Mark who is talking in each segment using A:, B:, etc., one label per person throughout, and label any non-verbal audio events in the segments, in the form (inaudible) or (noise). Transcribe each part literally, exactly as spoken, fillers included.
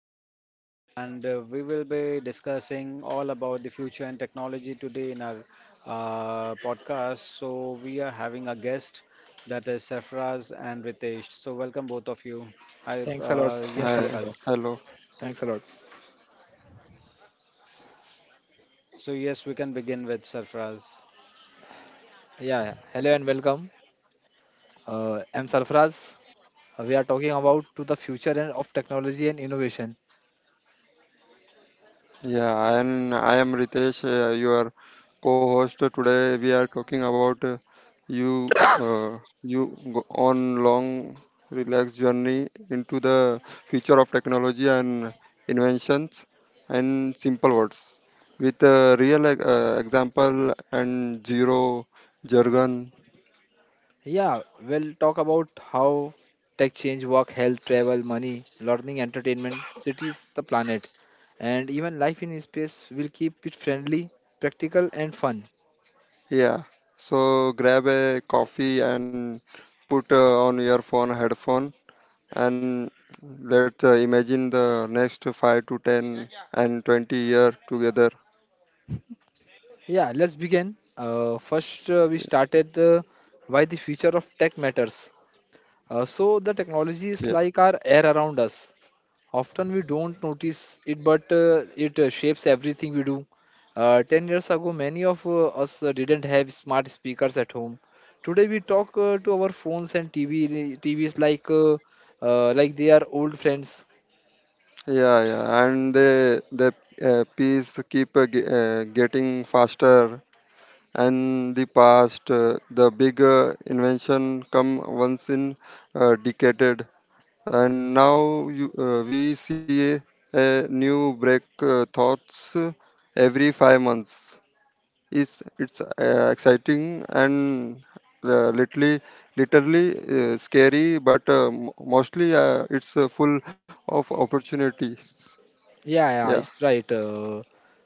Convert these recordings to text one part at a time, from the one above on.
A: podcast, and uh, we will be discussing all about the future and technology today in our uh, podcast. So we are having a guest that is Sarfraz and Ritesh. So welcome both of you. I
B: Thanks a lot.
A: uh, yes,
B: Thanks a
C: Hi,
B: lot, sir.
A: Sarfraz.
C: hello.
B: Thanks a lot.
A: So yes, we can begin with Sarfraz.
B: Yeah. Hello and welcome. Uh, I'm Sarfraz. Uh, We are talking about to the future and of technology and innovation.
C: Yeah, and I am Ritesh, uh, your co-host. Today we are talking about uh, you uh, you go on long relaxed journey into the future of technology and inventions and simple words with a real e- uh, example and zero jargon.
B: Yeah. We'll talk about how tech change work, health, travel, money, learning, entertainment, cities, the planet, and even life in space. Will keep it friendly, practical, and fun.
C: Yeah. So grab a coffee and put uh, on your phone headphone and let's uh, imagine the next five to ten and twenty year together.
B: Yeah. Let's begin. Uh, first, uh, we started uh, why the future of tech matters. Uh, so the technology
C: yeah
B: is like our air around us. Often we don't notice it, but uh, it uh, shapes everything we do. Uh, ten years ago, many of uh, us uh, didn't have smart speakers at home. Today, we talk uh, to our phones and T V, T Vs like uh, uh, like they are old friends.
C: yeah yeah and the the uh, piece keep uh, ge- uh, getting faster, and the past uh, the big uh, invention come once in uh, decade, and now you, uh, we see a, a new break uh, thoughts uh, every five months. It's it's uh, exciting and uh, literally literally uh, scary, but uh, m- mostly uh, it's uh, full of opportunities.
B: Yeah, yeah,
C: Yeah,
B: it's right. Uh,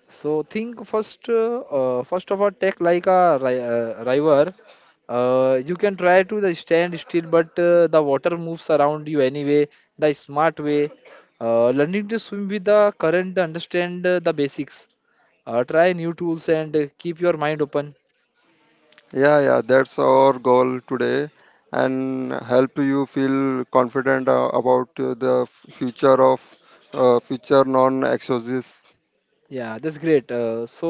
B: so think first, uh, uh, first of all, take like a ri uh, river. Uh, you can try to the stand still, but uh, the water moves around you anyway. The smart way, uh, learning to swim with the current, understand uh, the basics. Uh, try new tools and uh, keep your mind open.
C: yeah, yeah. That's our goal today, and help you feel confident uh, about uh, the future of uh, future non-exorcists.
B: Yeah, that's great. Uh, so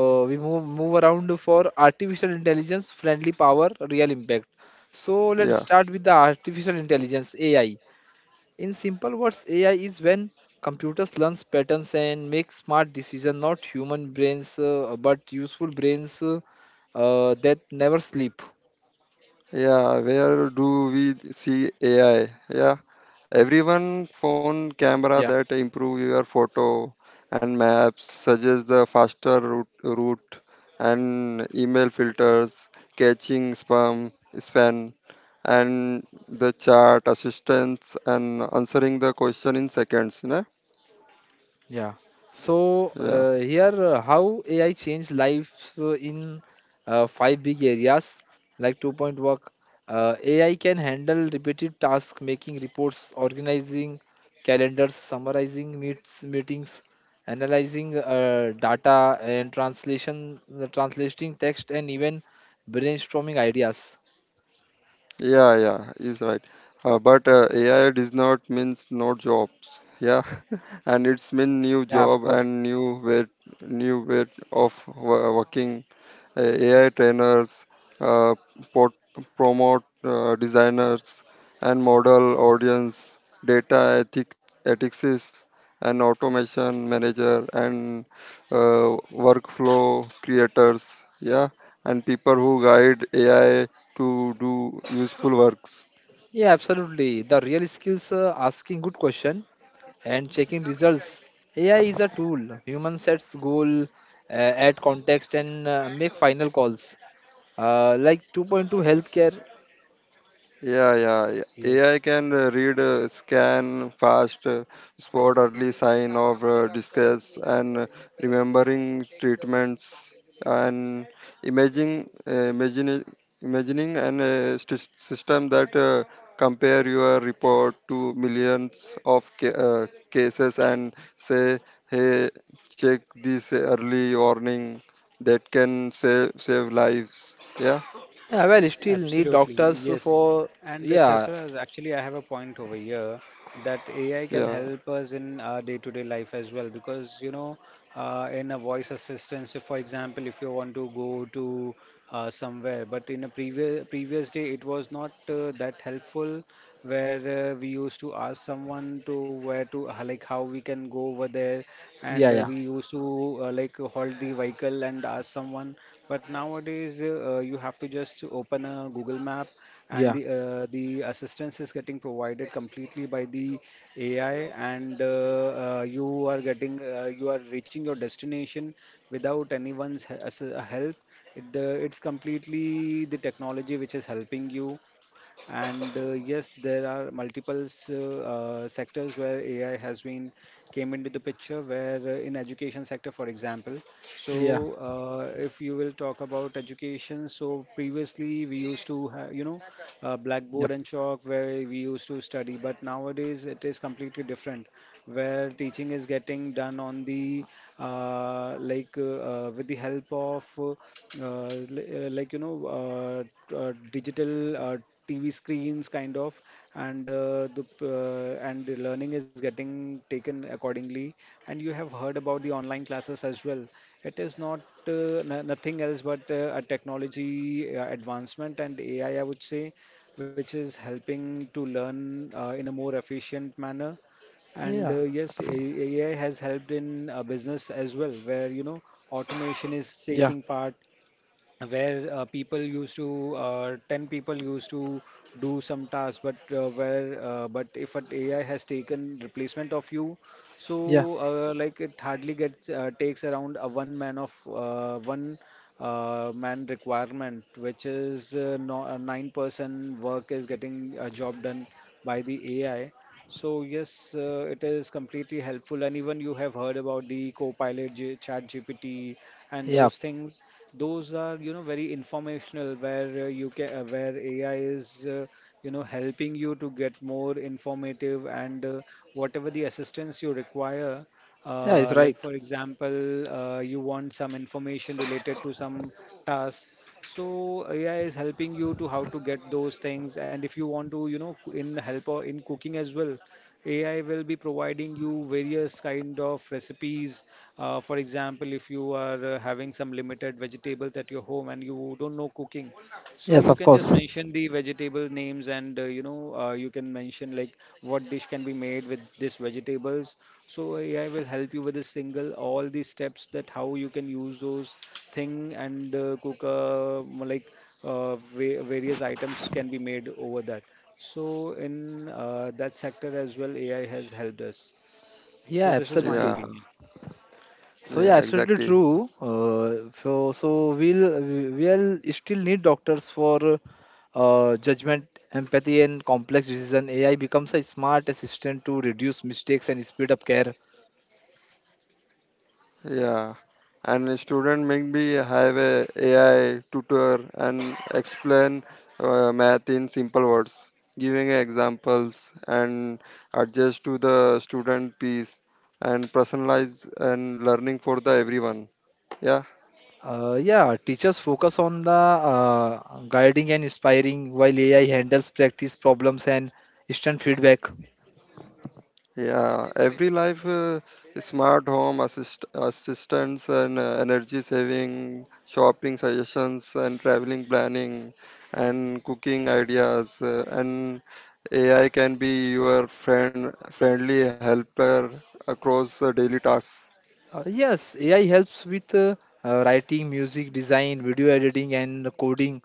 B: uh, we move move around for artificial intelligence, friendly power, real impact. So let's
C: Yeah.
B: start with the artificial intelligence A I. In simple words, A I is when computers learn patterns and make smart decisions, not human brains, uh, but useful brains uh, uh, that never sleep.
C: Yeah, where do we see A I? Yeah, everyone phone camera
B: Yeah.
C: that improve your photo, and maps, suggest the faster route, route, and email filters, catching spam, spam, and the chat assistance and answering the question in seconds. You know?
B: Yeah. So
C: Yeah.
B: uh, here uh, how A I changed lives uh, in uh, five big areas like two point work. Uh, A I can handle repetitive tasks, making reports, organizing calendars, summarizing meets meetings, analyzing uh, data and translation, uh, translating text, and even brainstorming ideas.
C: Yeah, yeah, is right. Uh, but uh, A I does not means no jobs. Yeah, (laughs) and it's mean new
B: Yeah, of
C: job
B: course.
C: and new way, new way of wo- working, uh, A I trainers, uh, pot- promote uh, designers and model audience, data ethics, ethicists, and automation manager, and uh, workflow creators. Yeah, and people who guide A I to do useful works.
B: Yeah, absolutely. The real skills uh, asking good question and checking results. A I is a tool. Human sets goal, uh, add context, and uh, make final calls. Uh, like two point two healthcare.
C: Yeah, yeah, yeah. A I
A: Yes.
C: can uh, read, uh, scan, fast, uh, spot early sign of uh, distress, and uh, remembering treatments, and imaging, uh, imagining, imagining an a sys- system that uh, compare your report to millions of ca- uh, cases and say, hey, check this early warning that can save save lives. Yeah,
B: Yeah, well, still need
A: Absolutely,
B: doctors
A: yes.
B: for.
A: And uh,
B: Yeah,
A: Sarfaraz, actually, I have a point over here that A I
C: yeah,
A: can help us in our day-to-day life as well because, you know, uh, in a voice assistant. So for example, if you want to go to uh, somewhere, but in a previous previous day, it was not uh, that helpful, where uh, we used to ask someone to where to uh, like how we can go over there, and
B: yeah,
A: uh,
B: yeah,
A: we used to uh, like hold the vehicle and ask someone. But nowadays, uh, uh, you have to just open a Google Map, and
B: yeah,
A: the uh, the assistance is getting provided completely by the A I, and uh, uh, you are getting uh, you are reaching your destination without anyone's he- ass- uh, help. It, uh, it's completely the technology which is helping you. And uh, yes, there are multiple uh, uh, sectors where A I has been came into the picture. Where uh, in education sector, for example,
B: yeah,
A: so, uh, if you will talk about education, so previously we used to have, you know, uh, blackboard
B: yep,
A: and chalk where we used to study, but nowadays it is completely different, where teaching is getting done on the uh, like uh, uh, with the help of uh, uh, li- uh, like, you know, uh, t- uh, digital uh, T V screens kind of, and uh, the p- uh, and the learning is getting taken accordingly. And you have heard about the online classes as well. It is not uh, no- nothing else but uh, a technology uh, advancement and A I, I I would say, which is helping to learn uh, in a more efficient manner. And
B: yeah,
A: uh, yes, A- AI has helped in uh, business as well, where, you know, automation is
B: yeah,
A: taking part, where uh, people used to uh, ten people used to do some task, but uh, where uh, but if an A I has taken replacement of you, so
B: yeah,
A: uh, like it hardly gets uh, takes around a one man of uh, one uh, man requirement, which is uh, no, a nine person work is getting a job done by the A I. So yes, uh, it is completely helpful, and even you have heard about the Copilot J- ChatGPT and
B: yeah.
A: those things. Those are, you know, very informational, where uh, you can uh, where A I is, uh, you know, helping you to get more informative and uh, whatever the assistance you require.
B: Yeah, it's
A: Uh, like
B: right.
A: for example, uh, you want some information related to some task, so A I is helping you to how to get those things. And if you want to, you know, in help or in cooking as well, A I will be providing you various kind of recipes. Uh, for example, if you are uh, having some limited vegetables at your home and you don't know cooking, so
B: Yes,
A: you
B: of
A: can just
B: course.
A: mention the vegetable names, and uh, you know, uh, you can mention like what dish can be made with these vegetables. So A I will help you with a single all the steps, that how you can use those thing and uh, cook uh, more like uh, va- various items can be made over that. So in uh, that sector as well, A I has helped us.
B: Yeah,
A: So this is my
C: yeah,
B: absolutely.
A: opinion.
B: So
C: yeah.
B: yeah, absolutely
C: Exactly.
B: true. Uh, so so we'll we- we'll still need doctors for uh, judgment, empathy, and complex decision. A I becomes a smart assistant to reduce mistakes and speed up care.
C: Yeah, and a student maybe have a AI tutor and explain uh, math in simple words, giving examples and adjust to the student piece, and personalize and learning for the everyone. Yeah.
B: Uh, yeah, teachers focus on the uh, guiding and inspiring, while A I handles practice problems and instant feedback.
C: Yeah, every life, uh, smart home assist assistants, and uh, energy saving, shopping suggestions, and traveling planning, and cooking ideas uh, and A I can be your friend friendly helper across uh, daily tasks.
B: Uh, yes, A I helps with uh, uh, writing, music design, video editing, and coding.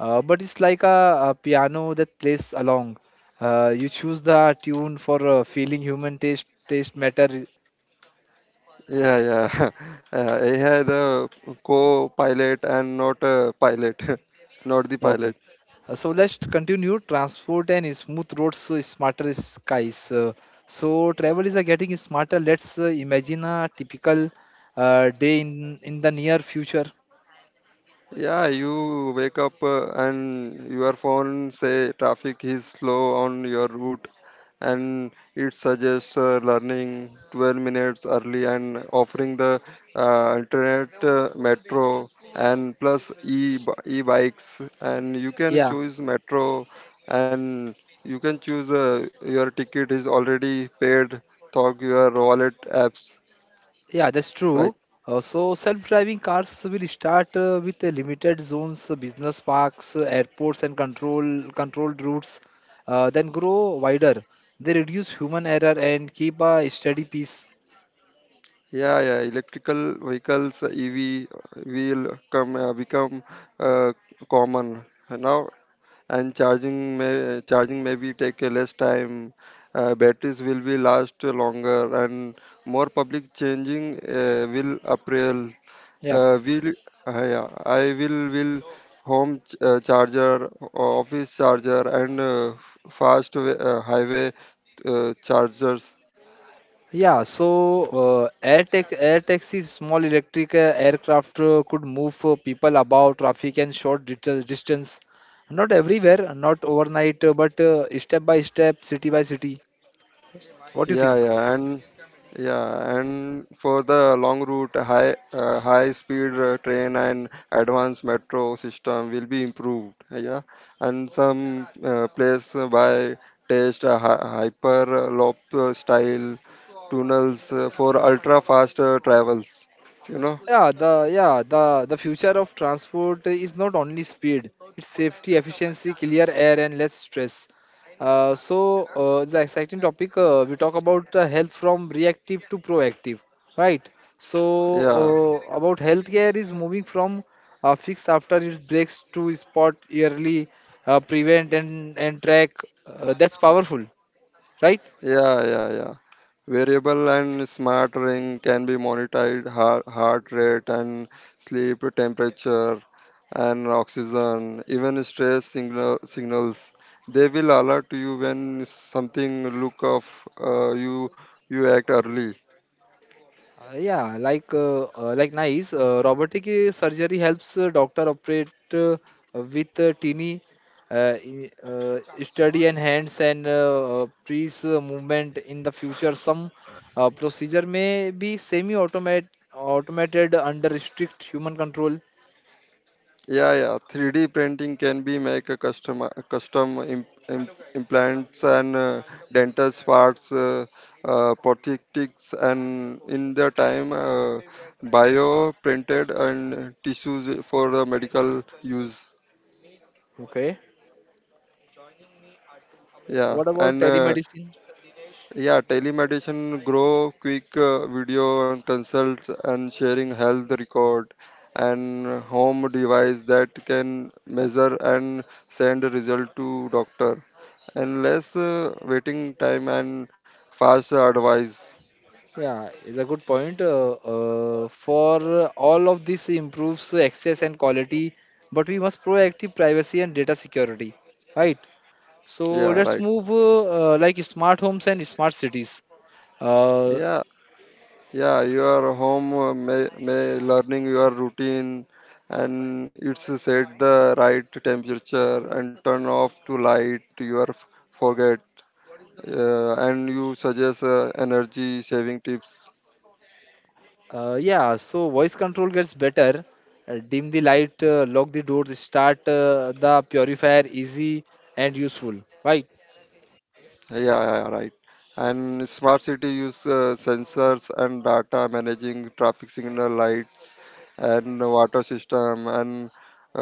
B: Uh, but it's like a, a piano that plays along. Uh, you choose the tune for uh, feeling human taste taste matter.
C: Yeah, yeah. (laughs) Uh, A I the co-pilot and not a pilot, (laughs) not the
B: Okay.
C: pilot.
B: Uh, so let's continue. Transport and smooth roads, uh, smarter skies. Uh, so travel is uh, getting smarter. Let's uh, imagine a typical uh, day in in the near future.
C: Yeah, you wake up uh, and your phone say traffic is slow on your route, and it suggests uh, learning twelve minutes early, and offering the uh, internet uh, metro and plus e e-bikes, and you can
B: Yeah.
C: choose metro, and you can choose uh, your ticket is already paid, talk your wallet apps
B: Yeah, that's true.
C: like.
B: Uh, so self-driving cars will start uh, with uh, limited zones, uh, business parks, uh, airports, and control controlled routes, uh, then grow wider. They reduce human error and keep a steady pace.
C: Yeah, yeah, electrical vehicles, uh, E V, uh, will come uh, become uh, common now, and charging may charging maybe take uh, less time. Uh, batteries will be last longer, and more public changing uh, will appeal.
B: Yeah,
C: Uh, will uh, yeah, I will will home ch- uh, charger, office charger, and uh, fast wa- uh, highway uh, chargers.
B: yeah. So uh, air tax air taxis, small electric uh, aircraft uh, could move uh, people about traffic and short dit- distance. Not everywhere, not overnight, uh, but uh, step by step, city by city. What do you
C: yeah
B: think?
C: yeah and yeah and for the long route, high uh, high speed uh, train and advanced metro system will be improved. Yeah, and some uh, place uh, by test uh, hy- hyperloop uh, style tunnels uh, for ultra fast uh, travels, you know.
B: Yeah, the yeah the the future of transport is not only speed; it's safety, efficiency, clear air, and less stress. Uh, so uh, the exciting topic uh, we talk about uh, health from reactive to proactive, right? So
C: Yeah.
B: uh, about healthcare is moving from uh, fixed after its breaks to spot yearly, uh, prevent and and track. Uh, that's powerful, right?
C: Yeah, yeah. yeah. Variable and smart ring can be monitored heart, heart rate and sleep temperature and oxygen, even stress signal, signals. They will alert you when something look off. uh, you you act early.
B: Uh, yeah, like uh, uh, like nice. Uh, robotic uh, surgery helps uh, doctor operate uh, with uh, teeny uh, i- uh, steady and hands and uh, uh, precise uh, movement. In the future, some uh, procedure may be semi-automate automated under strict human control.
C: Yeah, yeah. three D printing can be make a custom uh, custom im im implants and uh, dental parts, uh, uh, prosthetics, and in the time uh, bio printed and tissues for the medical use.
B: Okay.
C: Yeah,
B: What about
C: and uh,
B: telemedicine?
C: Yeah, telemedicine grow quick uh, video and consults, and sharing health record, and home device that can measure and send result to doctor, and less uh, waiting time and fast advice.
B: Yeah, it's a good point. Uh, uh, for all of this improves access and quality, but we must proactive privacy and data security, right? So
C: Yeah,
B: let's
C: right.
B: move uh, uh, like smart homes and smart cities. Uh,
C: Yeah, yeah, your home uh, may, may learning your routine, and it's set the right temperature and turn off to light your f- forget, uh, and you suggest uh, energy saving tips.
B: uh, yeah, so voice control gets better. Uh, dim the light, uh, lock the doors, start uh, the purifier, easy and useful, right?
C: Yeah, yeah, yeah, right and smart city use uh, sensors and data managing traffic signal lights and water system and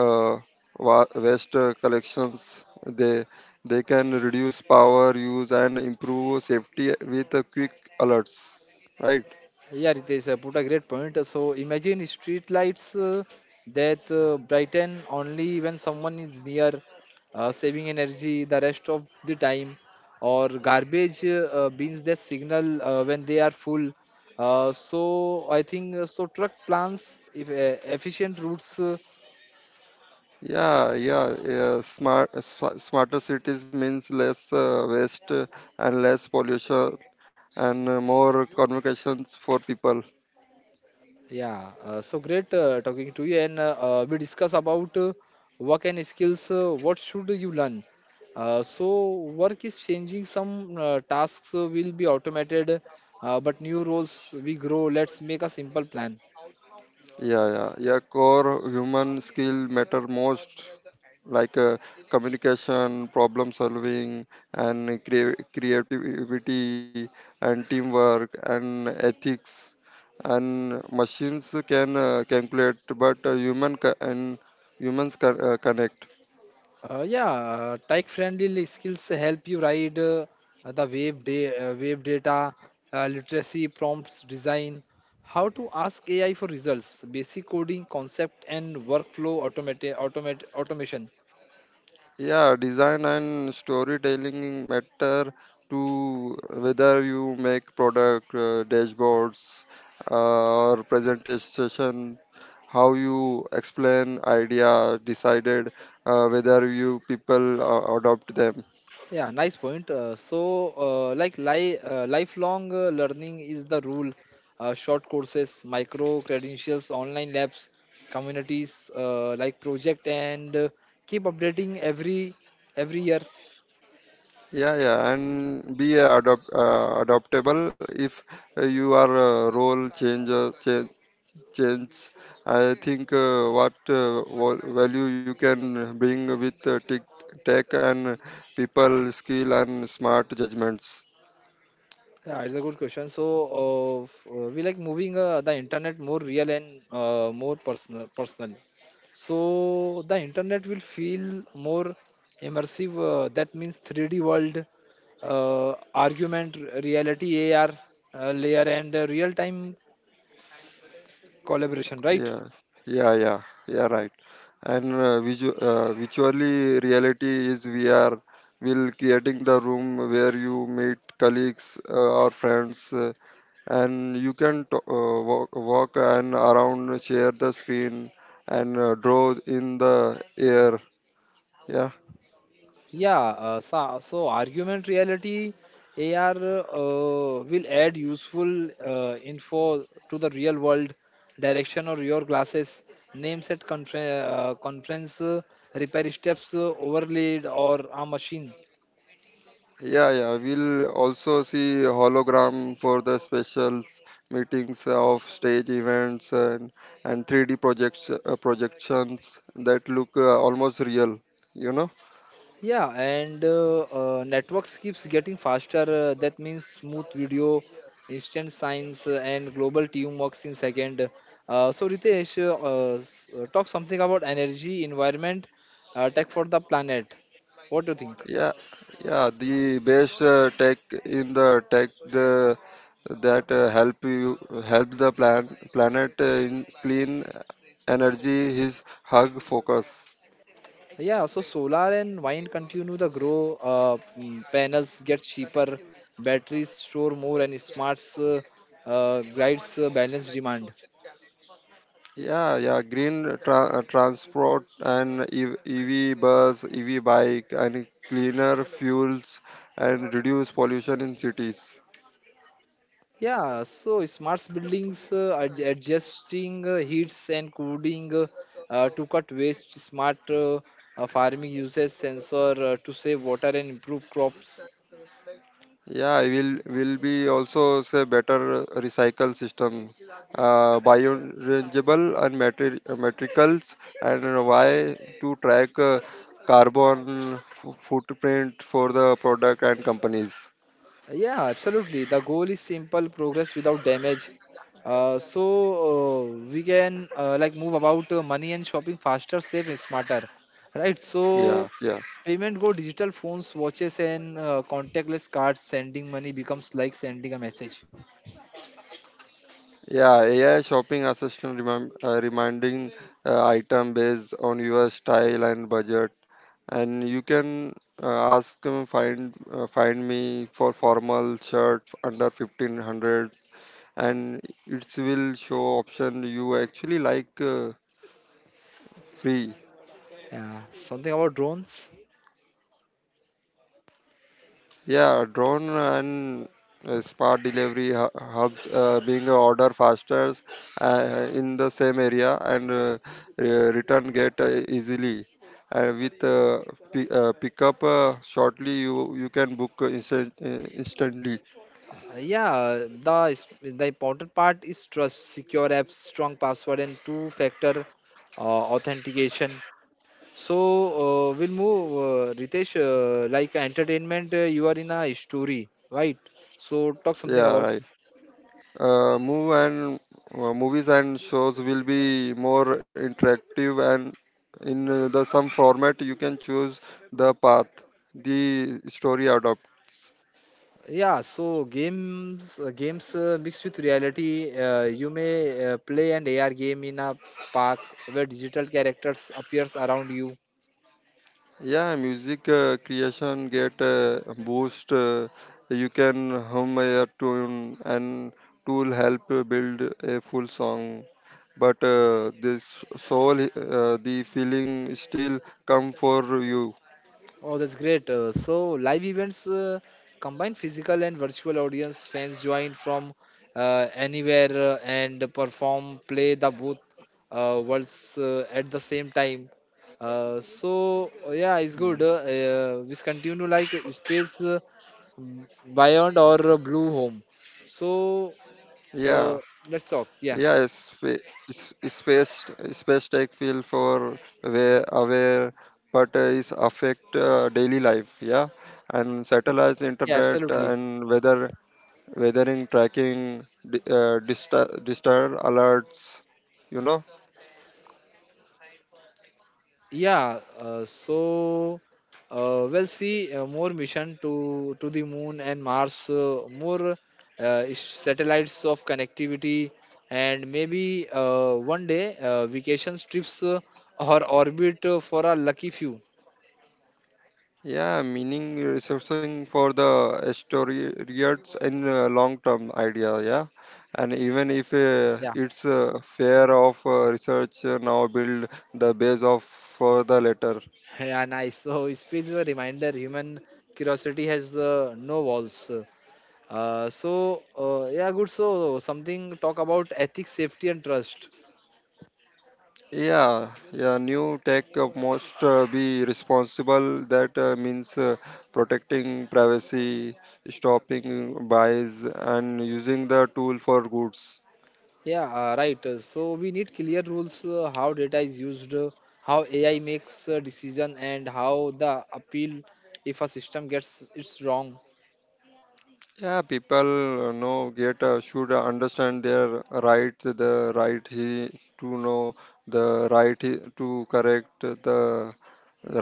C: uh, wa- waste uh, collections. They they can reduce power use and improve safety with uh, quick alerts, right?
B: Yeah, Ritesh uh, put a great point. Uh, So imagine street lights uh, that uh, brighten only when someone is near, uh, saving energy the rest of the time, or garbage uh, uh, bins that signal uh, when they are full. Uh, so I think uh, so truck plans if uh, efficient routes. uh,
C: Yeah, yeah, yeah. Smart, sma- smarter cities means less uh, waste uh, and less pollution and uh, more communications for people.
B: Yeah, uh, so great uh, talking to you. And uh, uh, we discuss about uh, work and skills. Uh, what should you learn? Uh, so work is changing. Some uh, tasks uh, will be automated, uh, but new roles we grow. Let's make a simple plan.
C: Yeah, yeah, yeah. Core human skill matter most, like uh, communication, problem solving, and crea- creativity and teamwork and ethics. And machines can uh, calculate, but uh, human ca- and humans ca- uh, connect.
B: Uh, yeah, uh, Tech-friendly skills help you ride uh, the wave da- uh, wave data uh, literacy prompts design. How to ask A I for results, basic coding concept, and workflow automate automate automation.
C: Yeah, design and storytelling matter to whether you make product uh, dashboards uh, or presentation, how you explain idea decided uh, whether you people uh, adopt them.
B: Yeah, nice point. Uh, so, uh, like li uh, lifelong uh, learning is the rule. Uh, short courses, micro credentials, online labs, communities uh, like project, and uh, keep updating every every year.
C: Yeah, yeah, and be adopt, uh, adoptable if you are a role change, change. I think uh, what uh, val- value you can bring with uh, tech, tech and people skill and smart judgments.
B: Yeah, it's a good question. So, uh, f- uh, we like moving uh, the internet more real and uh, more personal, personal. So the internet will feel more immersive. Uh, that means three D world, uh, argument, r- reality, A R uh, layer, and uh, real-time collaboration, right?
C: Yeah, yeah, yeah, yeah, right. And uh, visu- uh, virtually reality is V R, will creating the room where you meet colleagues uh, or friends, uh, and you can t- uh, walk, walk and around share the screen and uh, draw in the air, yeah.
B: Yeah, uh, so, so argument reality A R uh, will add useful uh, info to the real world direction or your glasses, names at confer- uh, conference, uh, repair steps, uh, overlaid or a machine.
C: Yeah, yeah. We'll also see hologram for the specials meetings of stage events, and and three D projects uh, projections that look uh, almost real. You know?
B: Yeah, and uh, uh, networks keeps getting faster. Uh, that means smooth video, instant science, uh, and global teamworks in second. Uh, so Ritesh, uh, uh, s- uh, talk something about energy, environment, uh, tech for the planet. What do you think?
C: Yeah, yeah. The best uh, tech in the tech the that uh, help you help the plan planet uh, in clean energy is hug focus.
B: Yeah, so solar and wind continue to grow. Uh, mm, panels get cheaper, batteries store more, and smarts uh, uh, guides uh, balance demand.
C: Yeah, yeah, green tra- uh, transport and E- EV bus, E V bike, and cleaner fuels, and reduce pollution in cities.
B: Yeah, so smart buildings uh, ad- adjusting uh, heats and cooling uh, uh, to cut waste, smart uh, uh, farming uses sensor uh, to save water and improve crops.
C: Yeah, will will be also say better recycle system, uh, biodegradable and materi- uh, materials, and why to track uh, carbon f- footprint for the product and companies.
B: Uh, Yeah, absolutely. The goal is simple progress without damage. Uh, so uh, we can uh, like move about uh, money and shopping faster, safe and smarter. Right? So
C: Yeah, yeah.
B: payment go digital phones, watches and uh, contactless cards. Sending money becomes like sending a message.
C: Yeah, A I shopping assistant remem- uh, reminding uh, item based on your style and budget, and you can uh, ask them find uh, find me for formal shirt under fifteen hundred, and it will show option you actually like, uh, free.
B: Yeah, something about drones.
C: Yeah, drone and uh, smart delivery hu- hubs uh, being a order faster uh, in the same area, and uh, re- return get uh, easily. Uh, with uh, pi uh, pickup uh, shortly, you you can book instant, uh, instantly.
B: Uh, Yeah, the is- the important part is trust, secure apps, strong password, and two-factor uh, authentication. So uh, we'll move, uh, Ritesh. Uh, like entertainment, uh, you are in a story, right? So talk something
C: Yeah,
B: about.
C: right. Uh, move and uh, Movies and shows will be more interactive, and in uh, the some format you can choose the path the story adopt.
B: Yeah, so games, uh, games uh, mixed with reality. Uh, you may uh, play an A R game in a park where digital characters appears around you.
C: Yeah, music uh, creation get a boost. Uh, you can hum a tune, and tool help you build a full song. But uh, this soul, uh, the feeling still come for you.
B: Oh, that's great. Uh, so live events uh, combine physical and virtual audience. Fans join from uh, anywhere uh, and perform, play the both uh, worlds uh, at the same time. Uh, so uh, yeah, it's
C: Mm.
B: good. Uh, uh, we continue like uh, space uh, beyond or uh, blue home. So
C: Yeah,
B: uh, let's talk. Yeah,
C: yeah, spa- s- space, space tech feel for aware, aware, but uh, is affect uh, daily life. Yeah, and satellite
B: yeah,
C: internet
B: absolutely.
C: and weather weathering tracking di- uh, disaster disaster alerts, you know.
B: Yeah, uh, so uh, we'll see uh, more mission to to the moon and Mars, uh, more uh, ish- satellites of connectivity, and maybe uh, one day uh, vacation trips uh, or orbit uh, for a lucky few.
C: Yeah, meaning resourcing for the historians in uh, long term idea. Yeah, and even if uh,
B: Yeah,
C: it's uh, fair of uh, research, uh, now build the base of for the later.
B: (laughs) yeah, nice. So space is a reminder human curiosity has uh, no walls. Uh, so uh, yeah, good. So Something talk about ethics, safety, and trust.
C: Yeah, yeah, new tech uh, must uh, be responsible. That uh, means uh, protecting privacy, stopping bias, and using the tool for goods.
B: Yeah, uh, right. Uh, So we need clear rules uh, how data is used, uh, how A I makes a decision, and how the appeal if a system gets it's wrong.
C: Yeah, people uh, know get uh, should understand their right, the right he to know, the right he, to correct, the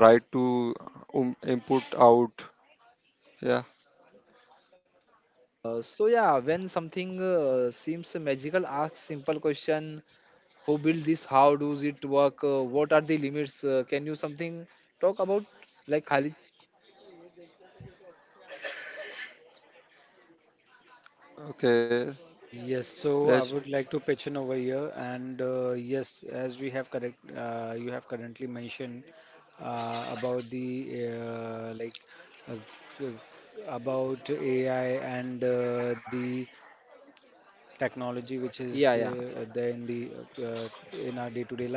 C: right to um, input out. Yeah.
B: Uh, so yeah, when something uh, seems magical, ask simple question: Who built this? How does it work? Uh, what are the limits? Uh, can you something talk about like Khalid?
C: Okay.
A: Yes, so I
C: Let's.
A: would like to pitch in over here, and uh, yes, as we have correct, uh, you have currently mentioned uh, about the uh, like uh, uh, about A I and uh, the technology which is uh, there
B: Yeah,
A: in
B: yeah.
A: the uh, in our day-to-day life.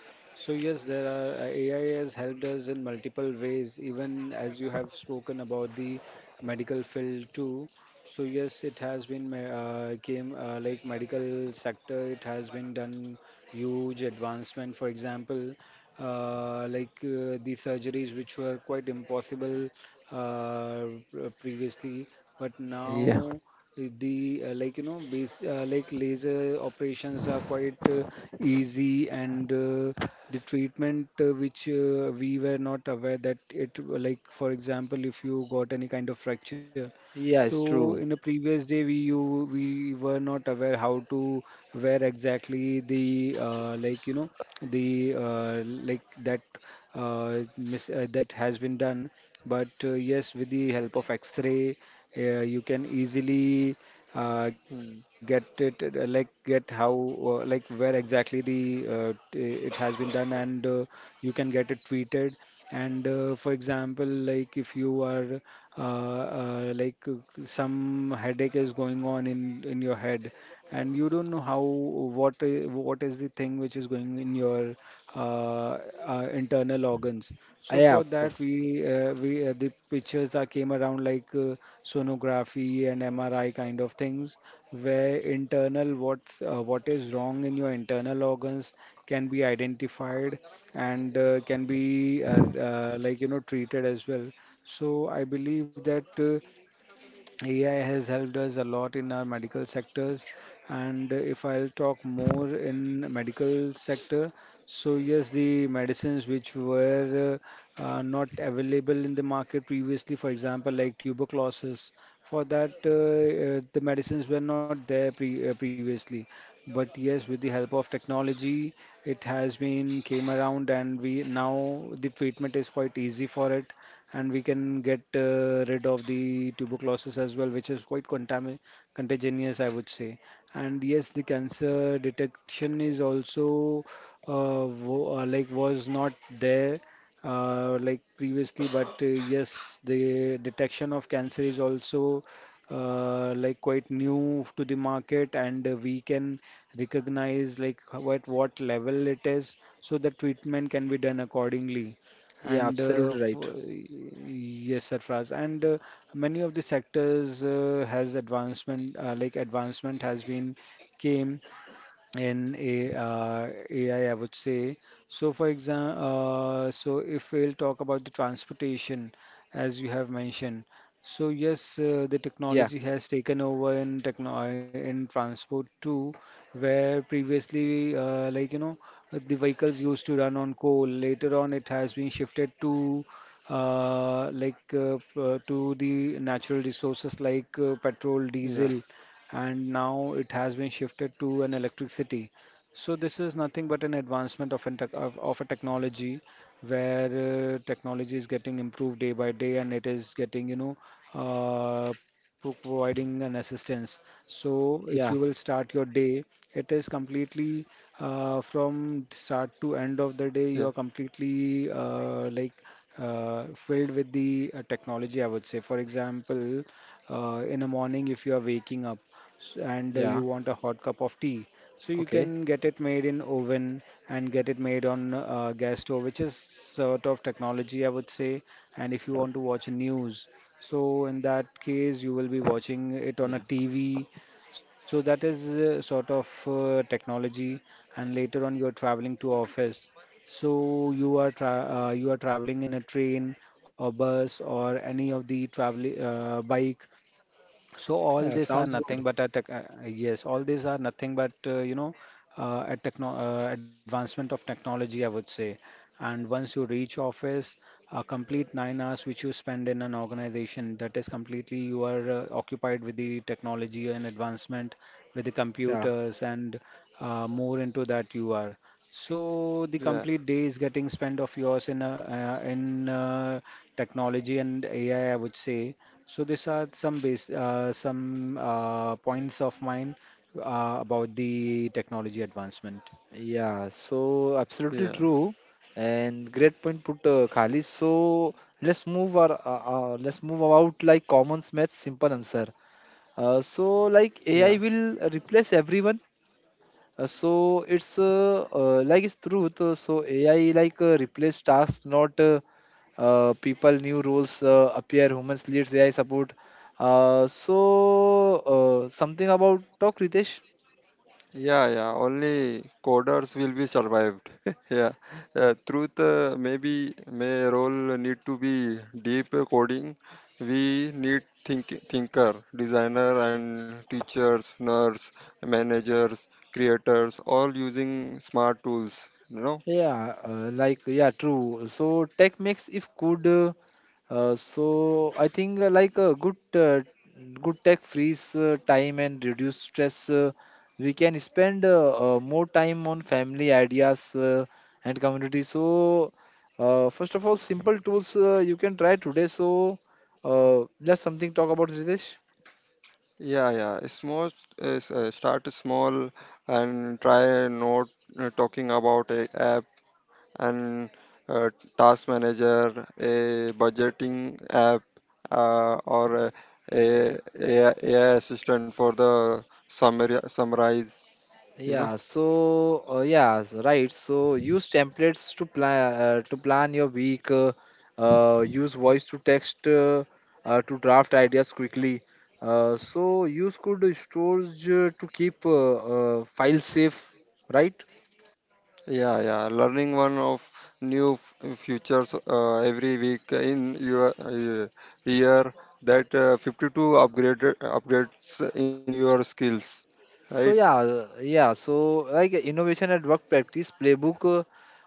A: So yes, there are uh, A I has helped us in multiple ways, even as you have spoken about the medical field too. So yes, it has been ma- uh, came uh, like medical sector, it has been done huge advancement. For example, uh, like uh, the surgeries which were quite impossible uh, previously, but
B: Yeah.
A: now the uh, like, you know, base uh, like, laser operations are quite uh, easy, and uh, the treatment, uh, which uh, we were not aware that it, uh, like for example, if you got any kind of fracture,
B: Yeah. It's
A: so in a
B: true.
A: previous day, we you we were not aware how to where exactly the uh, like you know the uh, like that uh, mis uh, that has been done. But uh, yes, with the help of X ray, uh, you can easily uh, get
C: Hmm,
A: it uh, like get how uh, like where exactly the uh, t- it has been done, and uh, you can get it treated. And uh, for example, like if you are uh, uh, like uh, some headache is going on in in your head, and you don't know how what i- what is the thing which is going in your uh, uh, internal organs.
B: Uh,
A: So
B: yeah,
A: for
B: of
A: that,
B: course.
A: we uh, we uh, the pictures that came around, like uh, sonography and M R I kind of things, where internal what uh, what is wrong in your internal organs can be identified and uh, can be uh, uh, like, you know, treated as well. So I believe that. Uh, A I has helped us a lot in our medical sectors. And if I'll talk more in medical sector, so yes, the medicines which were uh, uh, not available in the market previously, for example, like tuberculosis, for that uh, uh, the medicines were not there pre uh, previously. But yes, with the help of technology, it has been came around, and we now the treatment is quite easy for it, and we can get uh, rid of the tuberculosis as well, which is quite contami contagious, I would say. And yes, the cancer detection is also uh, wo uh, like, was not there uh, like, previously, but uh, yes, the detection of cancer is also uh, like, quite new to the market, and uh, we can recognize like h- what what level it is, so the treatment can be done accordingly.
B: Yeah,
A: And uh,
B: absolutely right.
A: for, yes, Sarfraz. And uh, many of the sectors uh, has advancement, uh, like advancement has been came in a, uh, A I, I I would say. So, for example, uh, so if we'll talk about the transportation, as you have mentioned, so yes, uh, the
B: Yeah,
A: technology has taken over in techno uh, in transport too, where previously, uh, like, you know, the vehicles used to run on coal. Later on, it has been shifted to uh, like uh, p- uh, to the natural resources like uh, petrol,
C: yeah.
A: diesel, and now it has been shifted to an electricity. So this is nothing but an advancement of, an tech, of, of a technology, where uh, technology is getting improved day by day, and it is getting, you know, uh, pro- providing an assistance. So if you will
B: yeah,
A: start your day, it is completely uh,
C: Yeah.
A: from start to end of the day, you are completely uh, like uh, filled with the uh, technology, I would say. For example, uh, in the morning, if you are waking up, s- and uh, you
B: yeah.
A: want a hot cup of tea, so you
B: Okay.
A: can get it made in oven, and get it made on uh, gas stove, which is sort of technology, I would say. And if you want to watch news, so in that case you will be watching it on a
B: Yeah.
A: TV, so that is uh, sort of uh, technology. And later on, you're traveling to office, so you are tra uh, you are traveling in a train or bus or any of the travel, uh, bike. So all
B: Yeah,
A: these are
B: sounds
A: nothing
B: good.
A: but a tech, uh, yes, all these are nothing but, uh, you know uh, a techno uh, advancement of technology, I would say. And once you reach office, a complete nine hours which you spend in an organization, that is completely you are uh, occupied with the technology and advancement with the
B: Yeah.
A: computers, and uh, more into that you are. So the
C: Yeah.
A: complete day is getting spent of yours in a, uh, in uh, technology and A I, I I would say. So these are some base, uh, some uh, points of mine uh, about the technology advancement.
B: Yeah, so
C: Yeah.
B: absolutely true, and great point put, uh, Khalid. So let's move our uh, uh, let's move about like common math simple answer. Uh, so like
C: Yeah,
B: A I will replace everyone. Uh, so it's uh, uh, like it's truth. Uh, so A I like uh, replace tasks, not uh, uh, people. New roles uh, appear. Humans leads A I support. Uh, so uh, something about talk, Ritesh.
C: yeah, yeah. Only coders will be survived. (laughs) yeah, uh, truth uh, maybe may role need to be deep coding. We need think thinker, designer, and teachers, nurse, managers, creators, all using smart tools. You know.
B: Yeah, uh, like yeah, true. So tech makes if good. Uh, uh, so I think uh, like a good uh, good tech frees uh, time and reduce stress. Uh, we can spend uh, uh, more time on family ideas uh, and community. So uh, first of all, simple tools uh, you can try today. So uh, just something talk about Ritesh.
C: Yeah, yeah. It's most uh, s- uh, start small, and try not uh, talking about a app and a task manager, a budgeting app, uh, or a, a, a AI assistant for the summary, summarize. You know,
B: Yeah, so uh, yeah, s- right. So use templates to plan uh, to plan your week. Uh, uh, use voice to text uh, uh, to draft ideas quickly. Uh, so use could storage uh, to keep uh, uh, files safe, right?
C: yeah, yeah. Learning one of new f- futures uh, every week in your uh, year. That uh, fifty-two upgraded upgrades in your skills, right?
B: So yeah, uh, yeah. So like innovation at work practice playbook. uh,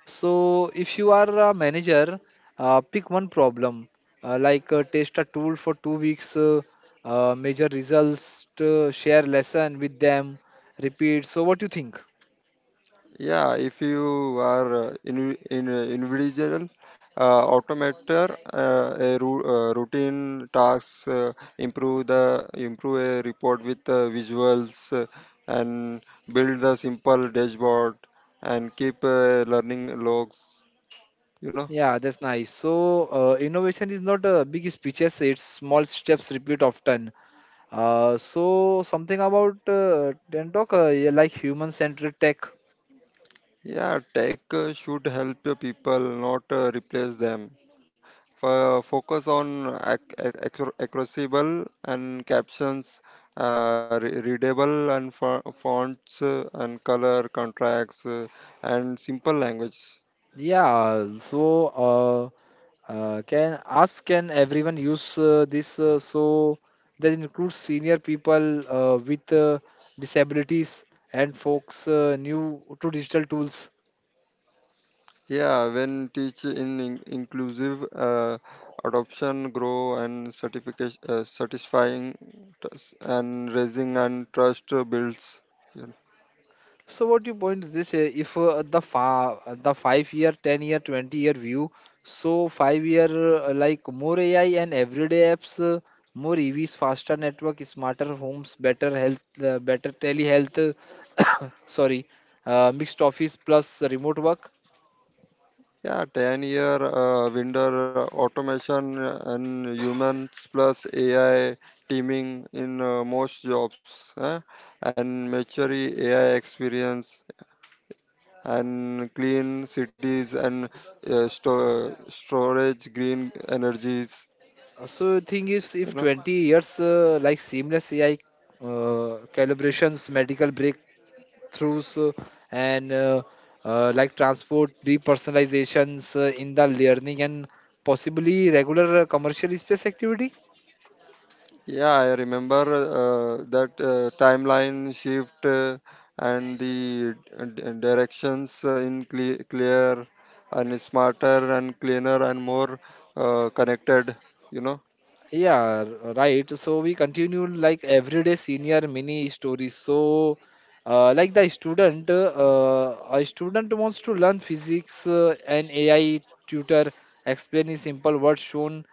B: So if you are a manager, uh, pick one problem, uh, like uh, test a tool for two weeks, uh, uh, measure results, to share lesson with them, repeat. So what do you think?
C: Yeah, if you are uh, in, in uh, individual uh, automator, uh, a ru- uh, routine tasks, uh, improve the improve a report with uh, visuals, uh, and build the simple dashboard and keep uh, learning logs. You know,
B: Yeah, that's nice. So uh, innovation is not uh, big speeches; it's small steps repeat often. Uh, so something about uh, then talk uh, yeah, like human-centered tech.
C: yeah, tech uh, should help uh, people, not uh, replace them. Fo- focus on ac- ac- accor- accessible and captions, uh, re- readable and fo- fonts, uh, and color contracts, uh, and simple language.
B: Yeah, so uh, uh, can ask can everyone use uh, this? Uh, so that includes senior people uh, with uh, disabilities and folks uh, new to digital tools.
C: Yeah, when teach in, in- inclusive uh, adoption, grow and certification, uh, satisfying t- and raising and trust builds. Yeah.
B: So what you point this uh, if uh, the fa uh, the five year, ten year, twenty year view, so five year uh, like more A I and everyday apps, uh, more E Vs, faster network, smarter homes, better health, uh, better telehealth, uh, (coughs) sorry, uh, mixed office plus remote work.
C: Yeah, ten year uh, window, uh, automation uh, and humans plus A I teaming in uh, most jobs, eh? And mature A I experience and clean cities and uh, sto- storage green energies.
B: Uh, So thing is,
C: You
B: if
C: know?
B: twenty years uh, like seamless A I uh, calibrations, medical break breakthroughs uh, and uh, uh, like transport depersonalizations uh, in the learning and possibly regular uh, commercial space activity.
C: Yeah, I remember uh, that uh, timeline shift uh, and the d- d- directions in cle clear and smarter and cleaner and more uh, connected, you know.
B: Yeah, r- right. So we continue like everyday senior mini stories. So, uh, like the student, uh, a student wants to learn physics, uh, an A I tutor explaining simple words shown,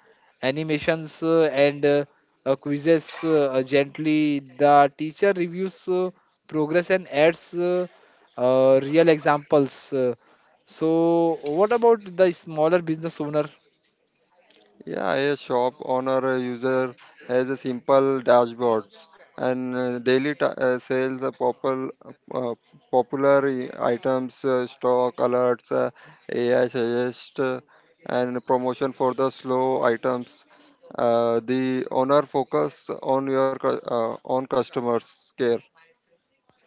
B: animations, uh, and uh, uh, quizzes uh, gently. The teacher reviews uh, progress and adds uh, uh, real examples. Uh, so, what about the smaller business owner?
C: Yeah, a shop owner uh, user has a simple dashboards and uh, daily ta- uh, sales of popul- uh, popular i- items, uh, stock alerts, uh, A I suggest, uh, and promotion for the slow items. Uh, the owner focus on your cu- uh, on customers care.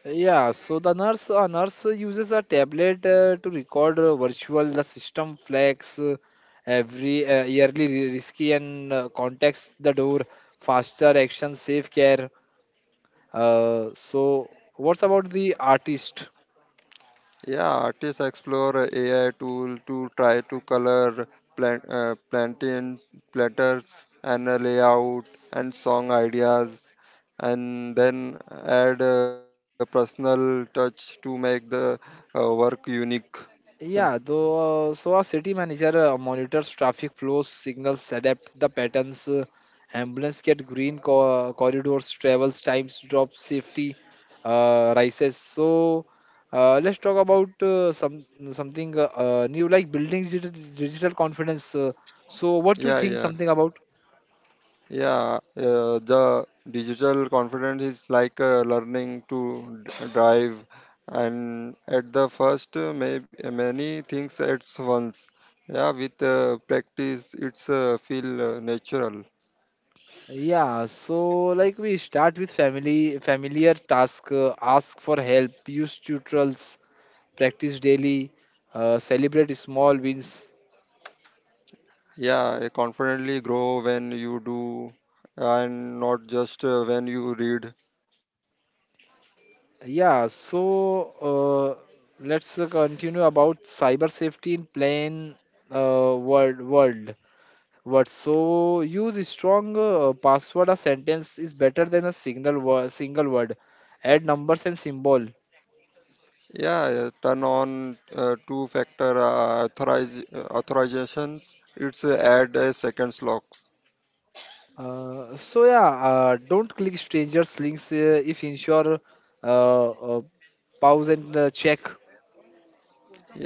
B: Yeah, so the nurse, a nurse uses a tablet uh, to record uh, virtual the system flags uh, every uh, yearly ri- risky and uh, context the door faster action safe care. Uh, so what's about the artist?
C: Yeah, artists explore A I tool to try to color plant, uh, plantain platters and uh, layout and song ideas, and then add a personal touch to make the uh, work unique. You know?
B: Yeah, though, uh, so a city manager uh, monitors traffic flows, signals, adapt the patterns, uh, ambulance get green co- corridors, travels times drop, safety uh, rises. So uh, let's talk about uh, some something uh, uh, new like building digital, digital confidence. Uh, so what do you
C: Yeah,
B: think
C: yeah.
B: something about?
C: Yeah, uh, the digital confidence is like uh, learning to d- drive, and at the first, uh, may, many things at once. Yeah, with uh, practice, it's uh, feel uh, natural.
B: Yeah, so like we start with family familiar task, uh, ask for help, use tutorials, practice daily, uh, celebrate small wins.
C: Yeah, I confidently grow when you do, and not just uh, when you read.
B: Yeah, so uh, let's uh, continue about cyber safety in plain uh, world world words. So use strong uh, password. A sentence is better than a single word. Single word. Add numbers and symbol.
C: Yeah, uh, turn on uh, two-factor uh, authoriz- uh, authorizations. It's uh, add a second lock.
B: Uh, so yeah, uh, don't click strangers links uh, if ensure uh, uh, pause and uh, check.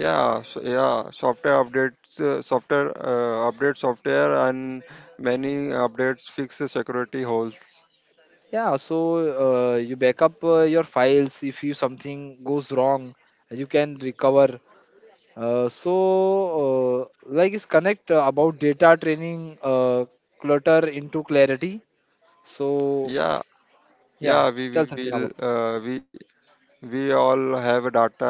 C: yeah so, Yeah, software updates, uh, software uh, update software and many updates fix the security holes.
B: Yeah, so uh, you backup uh, your files if you something goes wrong, you can recover. Uh, so uh, like is connect uh, about data training, uh, clutter into clarity. So
C: yeah
B: yeah,
C: yeah we
B: tell
C: will
B: something about.
C: uh, we we all have a data in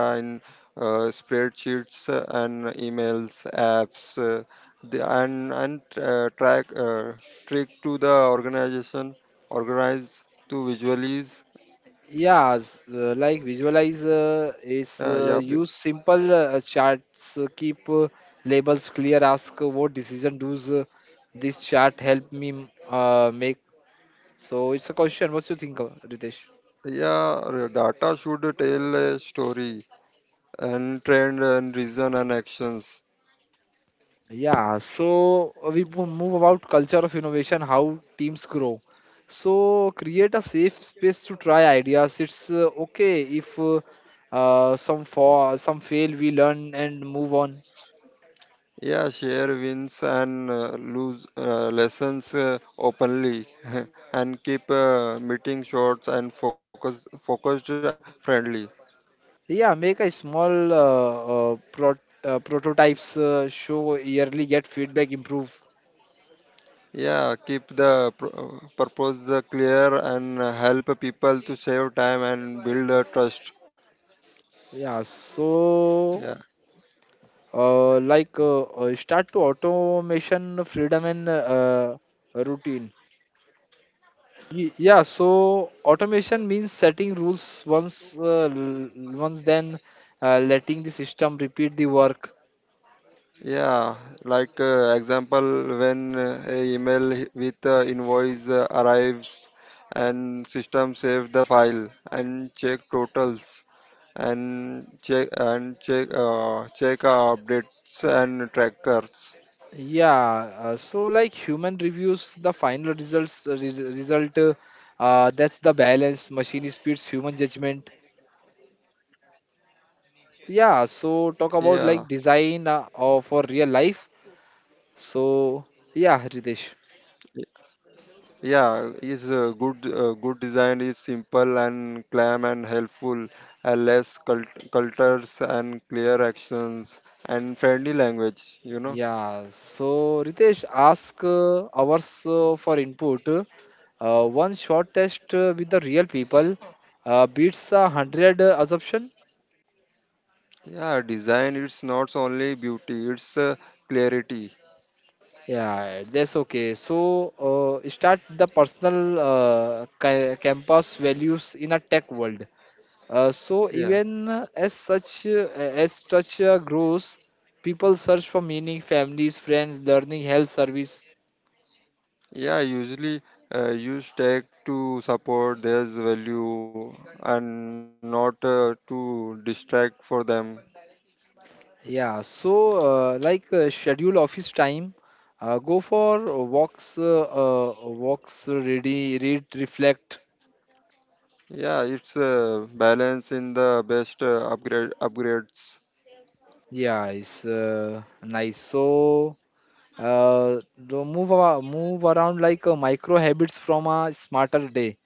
C: uh, spreadsheets uh, and emails apps, uh, the, and and uh, track, uh, trick to the organization organize to visualize.
B: Yeah, s- uh, like visualize uh, is
C: uh,
B: uh,
C: yeah we-
B: use simple uh, charts, uh, keep uh, labels clear, ask uh, what decision does uh, this chart help me uh, make. So it's a question. What's you think, uh, Ritesh?
C: yeah, r- data should tell a story and trend and reason and actions.
B: Yeah, so uh, we mo- move about culture of innovation, how teams grow. So create a safe space to try ideas. It's uh, okay if uh, uh, some fall, some fail, we learn and move on.
C: Yeah, share wins and uh, lose uh, lessons uh, openly, (laughs) and keep uh, meeting short and focus focused and friendly.
B: Yeah, make a small uh, uh, pro uh, prototypes uh, show yearly, get feedback, improve.
C: Yeah, keep the pr- uh, purpose uh, clear and uh, help people to save time and build uh, trust.
B: Yeah,
C: Yeah.
B: so uh, like uh, uh, Start to automation, freedom and uh, routine. Y- Yeah, so automation means setting rules once, uh, l- once then uh, letting the system repeat the work.
C: Yeah, like uh, example when uh, a email h- with uh, invoice uh, arrives and system save the file and check totals and check and check uh, check updates and trackers.
B: Yeah, uh, so like human reviews the final results uh, res- result. Uh, uh, that's the balance. Machine speeds human judgment. Yeah, so
C: Yeah,
B: talk about like design uh, or for real life. So yeah, Ritesh.
C: yeah, is uh, good uh, good design is simple and calm and helpful and less cult- cultures and clear actions and friendly language, you know.
B: Yeah, so Ritesh, ask uh, ours uh, for input. Uh, one short test uh, with the real people uh, beats a hundred uh, assumption.
C: Yeah, design it's not only beauty, it's uh, clarity.
B: Yeah, that's okay. So uh, start the personal uh, ca- campus values in a tech world. Uh, so
C: Yeah.
B: even as such uh, as such uh, grows, people search for meaning, families, friends, learning, health service.
C: Yeah, usually uh, use tag to support their value and not uh, to distract for them.
B: Yeah, so uh, like uh, schedule office time, uh, go for walks, uh, uh, walks, ready, read, reflect.
C: Yeah, it's uh, balance in the best uh, upgrade upgrades.
B: Yeah, it's uh, nice. So, uh, the move, a- move around like uh, micro habits from a smarter day.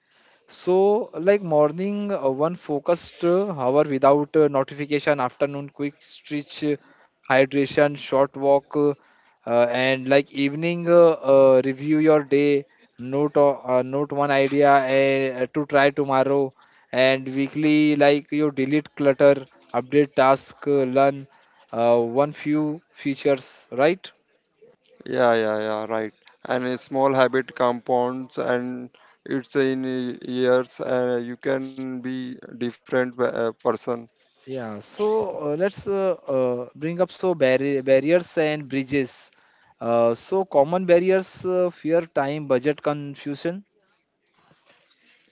B: So, like morning, uh, one focused uh, hour without uh, notification, afternoon, quick stretch, uh, hydration, short walk, uh, uh, and like evening, uh, uh, review your day, note, o- uh, note one idea eh, uh, to try tomorrow, and weekly, like you delete clutter, update task, uh, learn uh, one few features, right?
C: Yeah, yeah, yeah, right. And a small habit compounds and it's in years, uh, you can be different uh, person.
B: Yeah, so uh, let's uh, uh, bring up so barri barriers and bridges. Uh, so common barriers, uh, fear, time, budget confusion.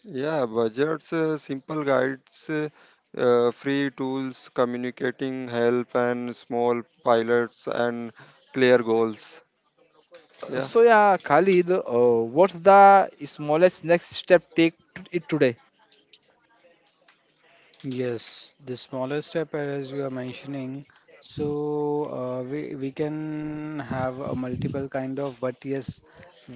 C: Yeah, budgets, uh, simple guides, uh, uh, free tools, communicating help, and small pilots and clear goals.
B: Uh,
C: Yeah,
B: So yeah, Khalid, uh, what's the smallest next step take to it today?
A: Yes, the smaller step, as you are mentioning, so uh, we we can have a multiple kind of, but yes,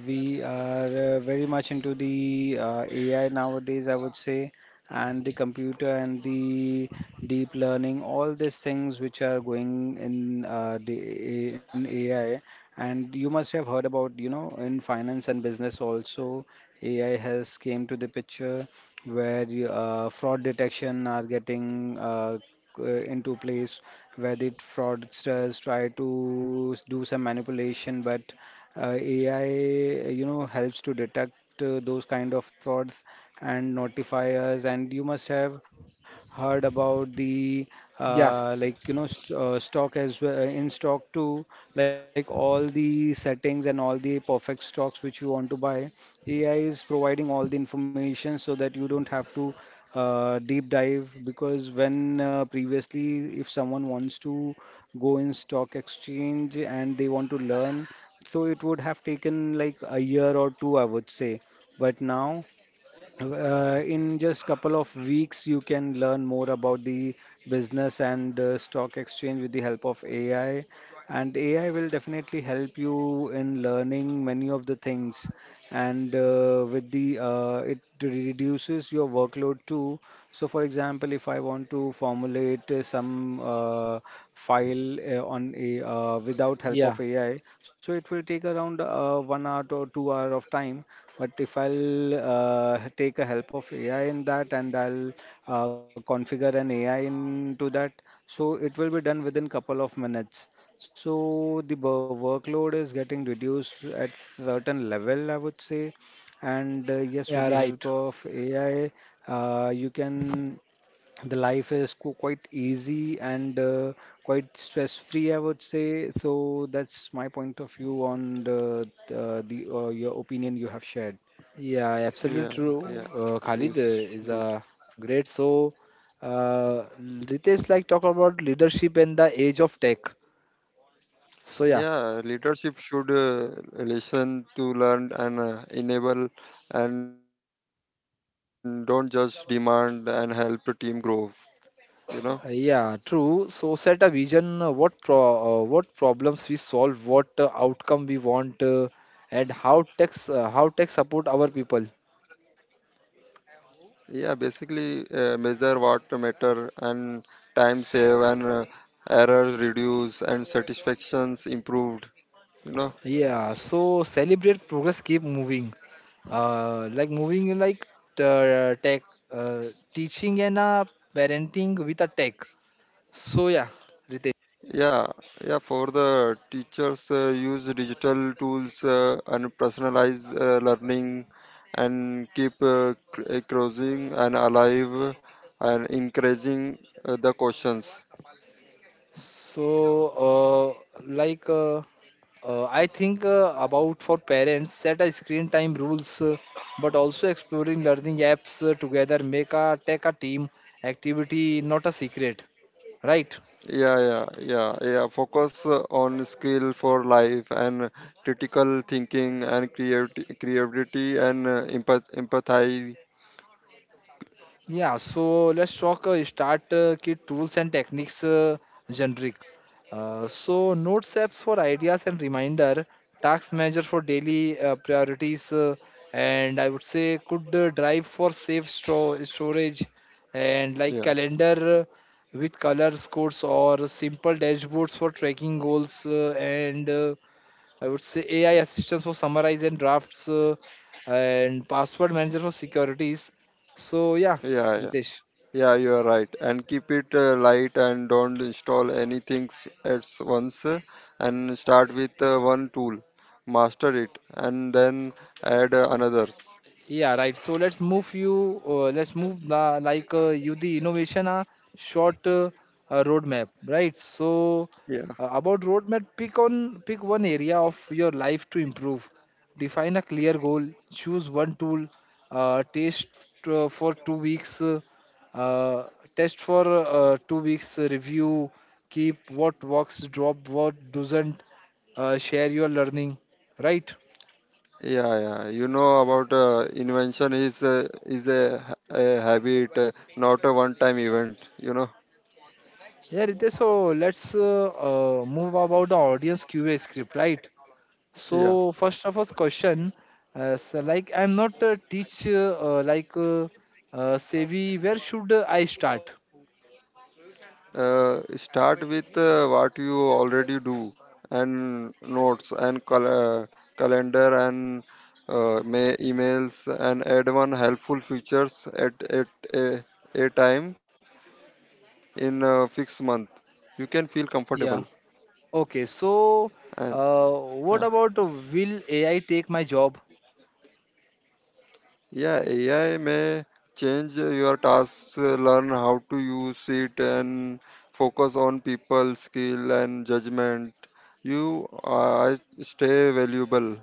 A: we are uh, very much into the uh, A I nowadays, I would say, and the computer and the deep learning, all these things which are going in uh, the in A I. And you must have heard about, you know, in finance and business also, A I has came to the picture, where you, uh, fraud detection are getting uh, uh, into place, where the fraudsters try to s- do some manipulation, but uh, A I, you know, helps to detect uh, those kind of frauds and notify us. And you must have heard about the
B: Yeah,
A: uh, like, you know, st uh, stock as well, uh, in stock too, like all the settings and all the perfect stocks which you want to buy, A I is providing all the information, so that you don't have to uh, deep dive. Because when uh, previously, if someone wants to go in stock exchange and they want to learn, so it would have taken like a year or two, I would say. But now uh, in just couple of weeks, you can learn more about the business and uh, stock exchange with the help of A I. And A I will definitely help you in learning many of the things. And uh, with the uh, it reduces your workload too. So, for example, if I want to formulate uh, some uh, file uh, on a uh, without help
B: yeah,
A: of A I, so it will take around uh, one hour to two hour of time. But if I'll uh, take a help of A I in that, and I'll uh, configure an A I into that, so it will be done within couple of minutes. So the bo- workload is getting reduced at certain level, I would say. And uh, yes, with the
B: yeah,
A: help
B: right.
A: of A I, uh, you can, the life is qu- quite easy and uh, quite stress-free, I would say. So that's my point of view on the uh, the uh, your opinion you have shared.
B: Yeah, absolutely
C: yeah,
B: true.
C: yeah.
B: Uh, Khalid uh,
C: Yes,
B: is
C: good.
B: a great. So uh, Ritesh like talk about leadership and the age of tech. So yeah.
C: Yeah, leadership should uh, listen to learn and uh, enable, and don't just demand and help the team grow. You know.
B: Uh, Yeah, True. So set a vision, uh, what pro uh, what problems we solve, what uh, outcome we want, uh, and how tech uh, how tech support our people.
C: Yeah, basically uh, measure what matter and time save and uh, errors reduce and satisfactions improved. You know.
B: Yeah, so celebrate progress, keep moving. Uh, like moving in like t- uh, tech, uh, teaching and uh, parenting with a tech. So yeah, Ritesh.
C: Yeah, yeah. For the teachers, uh, use digital tools uh, and personalize uh, learning and keep uh, cr- uh, crossing and alive and increasing uh, the questions.
B: So, uh, like, uh, uh, I think uh, about for parents, set a screen time rules, uh, but also exploring learning apps uh, together, make a tech a team activity, not a secret, right?
C: Yeah, yeah, yeah, yeah. Focus uh, on skill for life and critical thinking and creati creativity and uh, empath empathy.
B: Yeah, so let's talk uh, start uh, kit tools and techniques uh, generic. Uh, so notes apps for ideas and reminder, task manager for daily uh, priorities, uh, and I would say could uh, drive for safe store storage, and like
C: Yeah,
B: calendar uh, with colors codes or simple dashboards for tracking goals uh, and uh, I would say A I assistance for summarize and drafts uh, and password manager for securities. So yeah,
C: yeah, yeah.
B: Ritesh.
C: Yeah, you are right. And keep it uh, light and don't install anything s- at s- once. uh, And start with uh, one tool, master it, and then add uh, another.
B: Yeah, right. So let's move you. Uh, let's move the, like uh, you the innovation uh, short uh, uh, roadmap, right? So uh, about roadmap, pick on pick one area of your life to improve. Define a clear goal. Choose one tool. Uh, test uh, for two weeks. Uh, uh, Test for uh, two weeks. uh, Review. Keep what works. Drop what doesn't. Uh, share your learning. Right.
C: Yeah, yeah. You know about uh, invention is uh, is a, ha- a habit, uh, not a one-time event. You know.
B: Yeah, Ritesh, so let's uh, uh, move about the audience Q A script, right?
C: Yeah.
B: So first of all, question, uh, so like I'm not a teacher, uh, uh, like uh, uh, Sevi, where should I start?
C: Uh, start with uh, what you already do, and notes, and cal- uh, calendar, and uh, ma- emails, and add one helpful features at at a, a time in a fixed month. You can feel comfortable
B: Yeah. Okay,
C: and.
B: so
C: Yeah.
B: uh, what about uh, will A I take my job?
C: Yeah, A I may change uh, your tasks, uh, learn how to use it, and focus on people skill and judgment. You uh, stay valuable.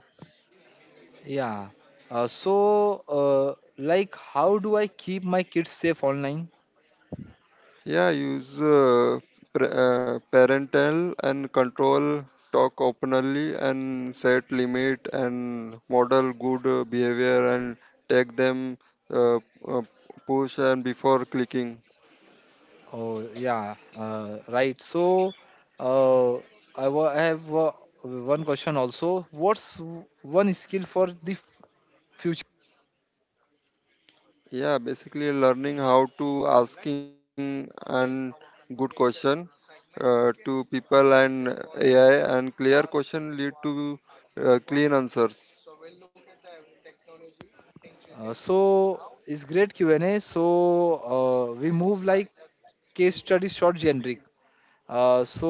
B: Yeah. Uh, so uh, like how do I keep my kids safe online?
C: Yeah, use uh, pre- uh, parental and control, talk openly, and set limit and model good uh, behavior and take them uh, uh, push and before clicking.
B: Oh yeah, uh, right. So uh, I wa- I have uh, one question also. What's w- one skill for the f- future?
C: Yeah, basically learning how to asking and good question uh, to people and A I and clear question lead to uh, clean answers.
B: Uh, so it's great Q and A. So uh, we move like case study short generic. Uh, so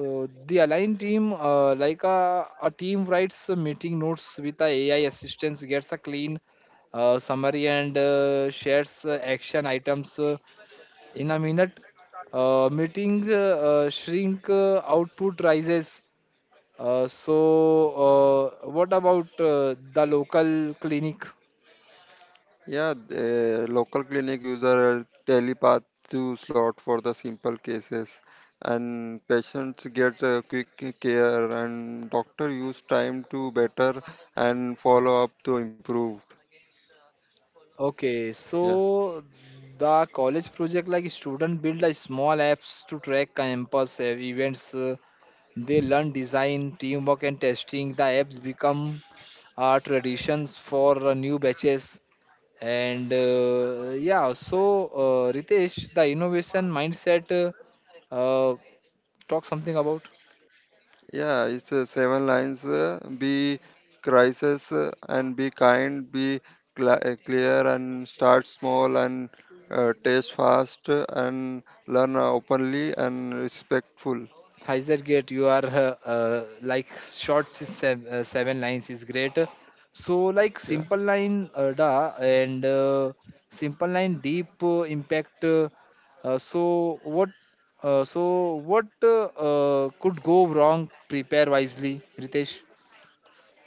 B: uh, the aligned team, uh, like a, a team writes a meeting notes with a AI assistance, gets a clean uh, summary and uh, shares uh, action items uh, in a minute. Uh, meeting uh, uh, shrink uh, output rises. Uh, so, uh, what about uh, the local clinic?
C: Yeah, the local clinic user telepath to slot for the simple cases and patients get uh, quick care and doctor use time to better and follow up to improve.
B: Okay,
C: Yeah.
B: so the college project like student build a small apps to track campus ev- events. Uh, they learn design, teamwork, and testing. The apps become uh, traditions for uh, new batches. And uh, yeah, so uh, Ritesh, the innovation mindset. uh, Uh, Talk something about
C: Yeah, it's uh, seven lines. Uh, be crisis uh, and be kind, be cla uh, clear and start small and uh, taste fast uh, and learn openly and respectful.
B: Hyzer Gate. You are uh, uh, like short seven, uh, seven lines is great. So like
C: Yeah.
B: simple line uh, da and uh, simple line deep uh, impact. Uh, uh, so what? Uh, so what uh, uh, could go wrong? Prepare wisely, Ritesh.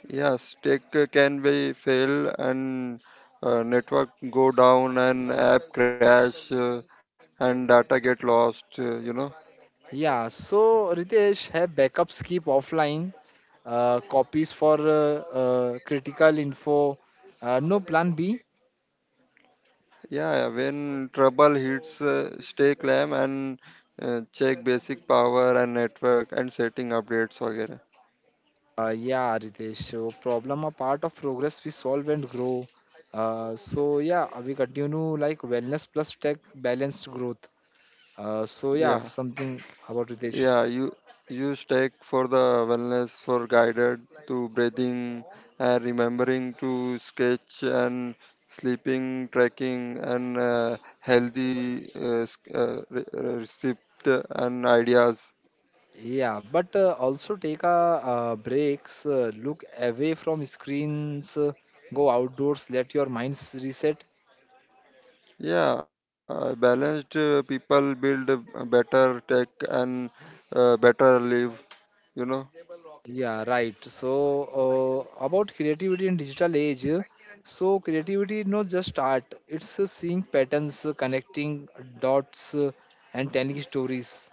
C: Yes, tech uh, can be fail and uh, network go down and app crash, uh, and data get lost, uh, you know.
B: Yeah, so Ritesh, have backups keep offline, uh, copies for uh, uh, critical info, uh, no plan B.
C: Yeah, yeah, when trouble hits, uh, stay calm and uh, check basic power and network and setting updates. वगैरह.
B: Uh, yeah, Ritesh. So problem are part of progress we solve and grow. Uh, so yeah, uh, we continue like wellness plus tech balanced growth. Uh, so yeah,
C: Yeah,
B: something about Ritesh.
C: yeah, you use tech for the wellness for guided to breathing and remembering to sketch and sleeping tracking and uh, healthy uh, s- uh, re- re- receipt and ideas.
B: Yeah, but uh, also take a uh, breaks, uh, look away from screens, uh, go outdoors, let your minds reset.
C: Yeah, uh, balanced uh, people build a better tech and uh, better live. You know
B: Yeah, right. So, uh, about creativity in digital age, uh, so creativity is not just art, it's uh, seeing patterns, uh, connecting dots, uh, and telling stories.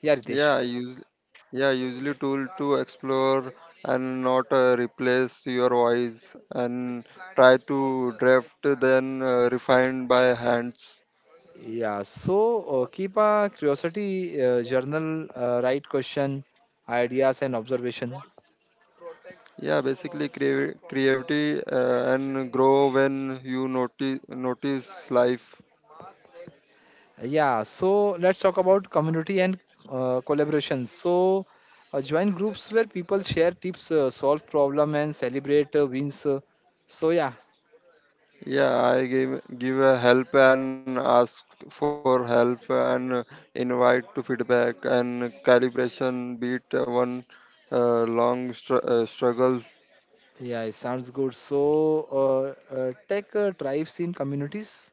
B: Yeah, Ritesh.
C: yeah use yeah Usually tool to explore and not uh, replace your voice and try to draft then uh, refine by hands.
B: Yeah, so uh, keep a curiosity uh, journal, uh, write question, ideas, and observation.
C: Yeah, basically creavi- creativity uh, and grow when you notice notice life.
B: Yeah, so let's talk about community and uh, collaboration. So, uh, join groups where people share tips, uh, solve problem, and celebrate uh, wins. uh, so yeah,
C: Yeah, I give give a help and ask for help and uh, invite to feedback and calibration beat uh, one uh, long str- uh, struggle.
B: Yeah, it sounds good. So, uh, uh, tech uh, tribes in communities,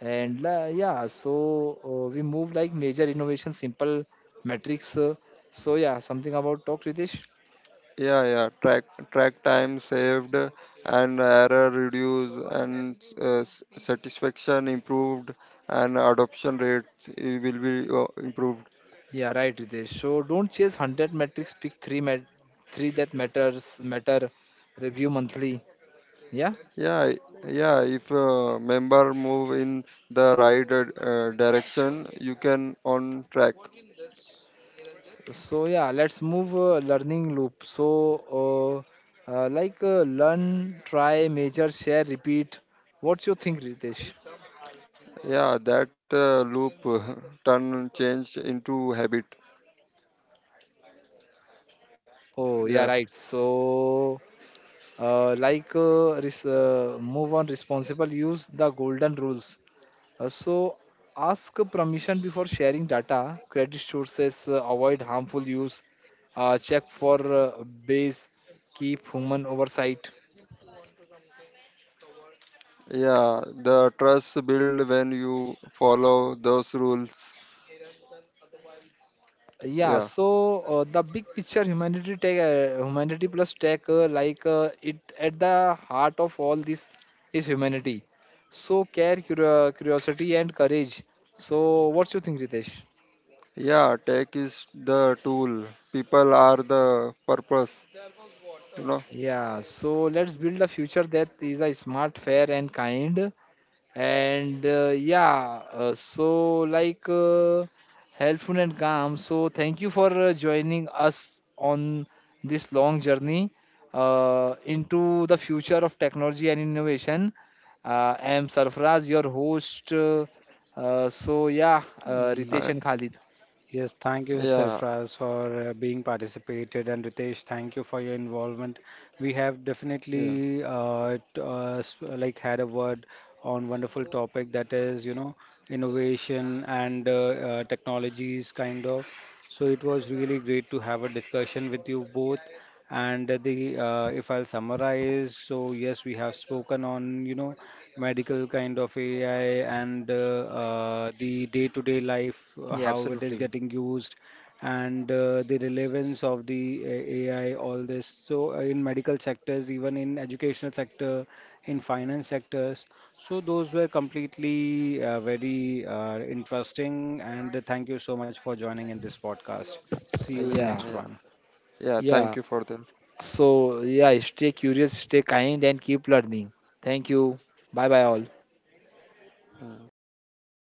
B: and uh, yeah, so uh, we move like major innovation, simple metrics. Uh, so yeah, something about talk, Ritesh.
C: Yeah, yeah. Track track time saved and error reduced and uh, s- satisfaction improved and adoption rate i- will be uh, improved.
B: Yeah, right, Ritesh. So don't chase hundred metrics. Pick three mat, three that matters matter. Review monthly. Yeah.
C: Yeah, i- yeah. If uh, member move in the right uh, uh, direction, you can on track.
B: So yeah, let's move uh, learning loop. So uh, uh, like uh, learn, try, measure, share, repeat. What's your think, Ritesh?
C: Yeah, that uh, loop uh, (laughs) turn change into habit.
B: Oh, yeah,
C: Yeah.
B: right. So, uh, like, uh, res- uh, move on responsible, use the golden rules. Uh, so, ask permission before sharing data, credit sources, uh, avoid harmful use, uh, check for uh, base, keep human oversight.
C: Yeah, the trust build when you follow those rules.
B: yeah
C: Yeah.
B: so uh, the big picture humanity take uh, humanity plus tech uh, like uh, it at the heart of all this is humanity. So care curio- curiosity and courage. So what's your think, Ritesh?
C: Yeah, tech is the tool. People are the purpose, you know.
B: Yeah so let's build a future that is a smart fair and kind, and uh, yeah uh, so like uh, helpful and calm. So thank you for uh, joining us on this long journey uh, into the future of technology and innovation. uh, I am Sarfraz, your host. Uh, uh, so yeah uh,
C: And
B: ritesh
A: Y-
B: and Khalid,
A: Yes, thank you,
C: yeah,
A: Sarfraz, for uh, being participated, and Ritesh, thank you for your involvement. We have
C: yeah,
A: definitely uh, t- uh, s- uh, like, had a word on wonderful topic, that is, you know, innovation and uh, uh, technologies kind of. So it was really great to have a discussion with you both. And the uh, if I'll summarize, so yes, we have spoken on, you know, medical kind of A I and uh, uh, the day-to-day life, uh,
B: yeah,
A: how it is
B: absolutely.
A: getting used, and uh, the relevance of the uh, A I, all this. So uh, in medical sectors, even in educational sector, in finance sectors. So those were completely uh, very uh, interesting, and thank you so much for joining in this podcast. See
B: Uh,
A: you in
C: yeah,
B: yeah
A: next
C: yeah.
A: one.
C: Yeah, thank
B: yeah
C: you for that.
B: so yeah Stay curious, stay kind, and keep learning. Thank you. Bye bye all.
C: Yeah, thank you guys.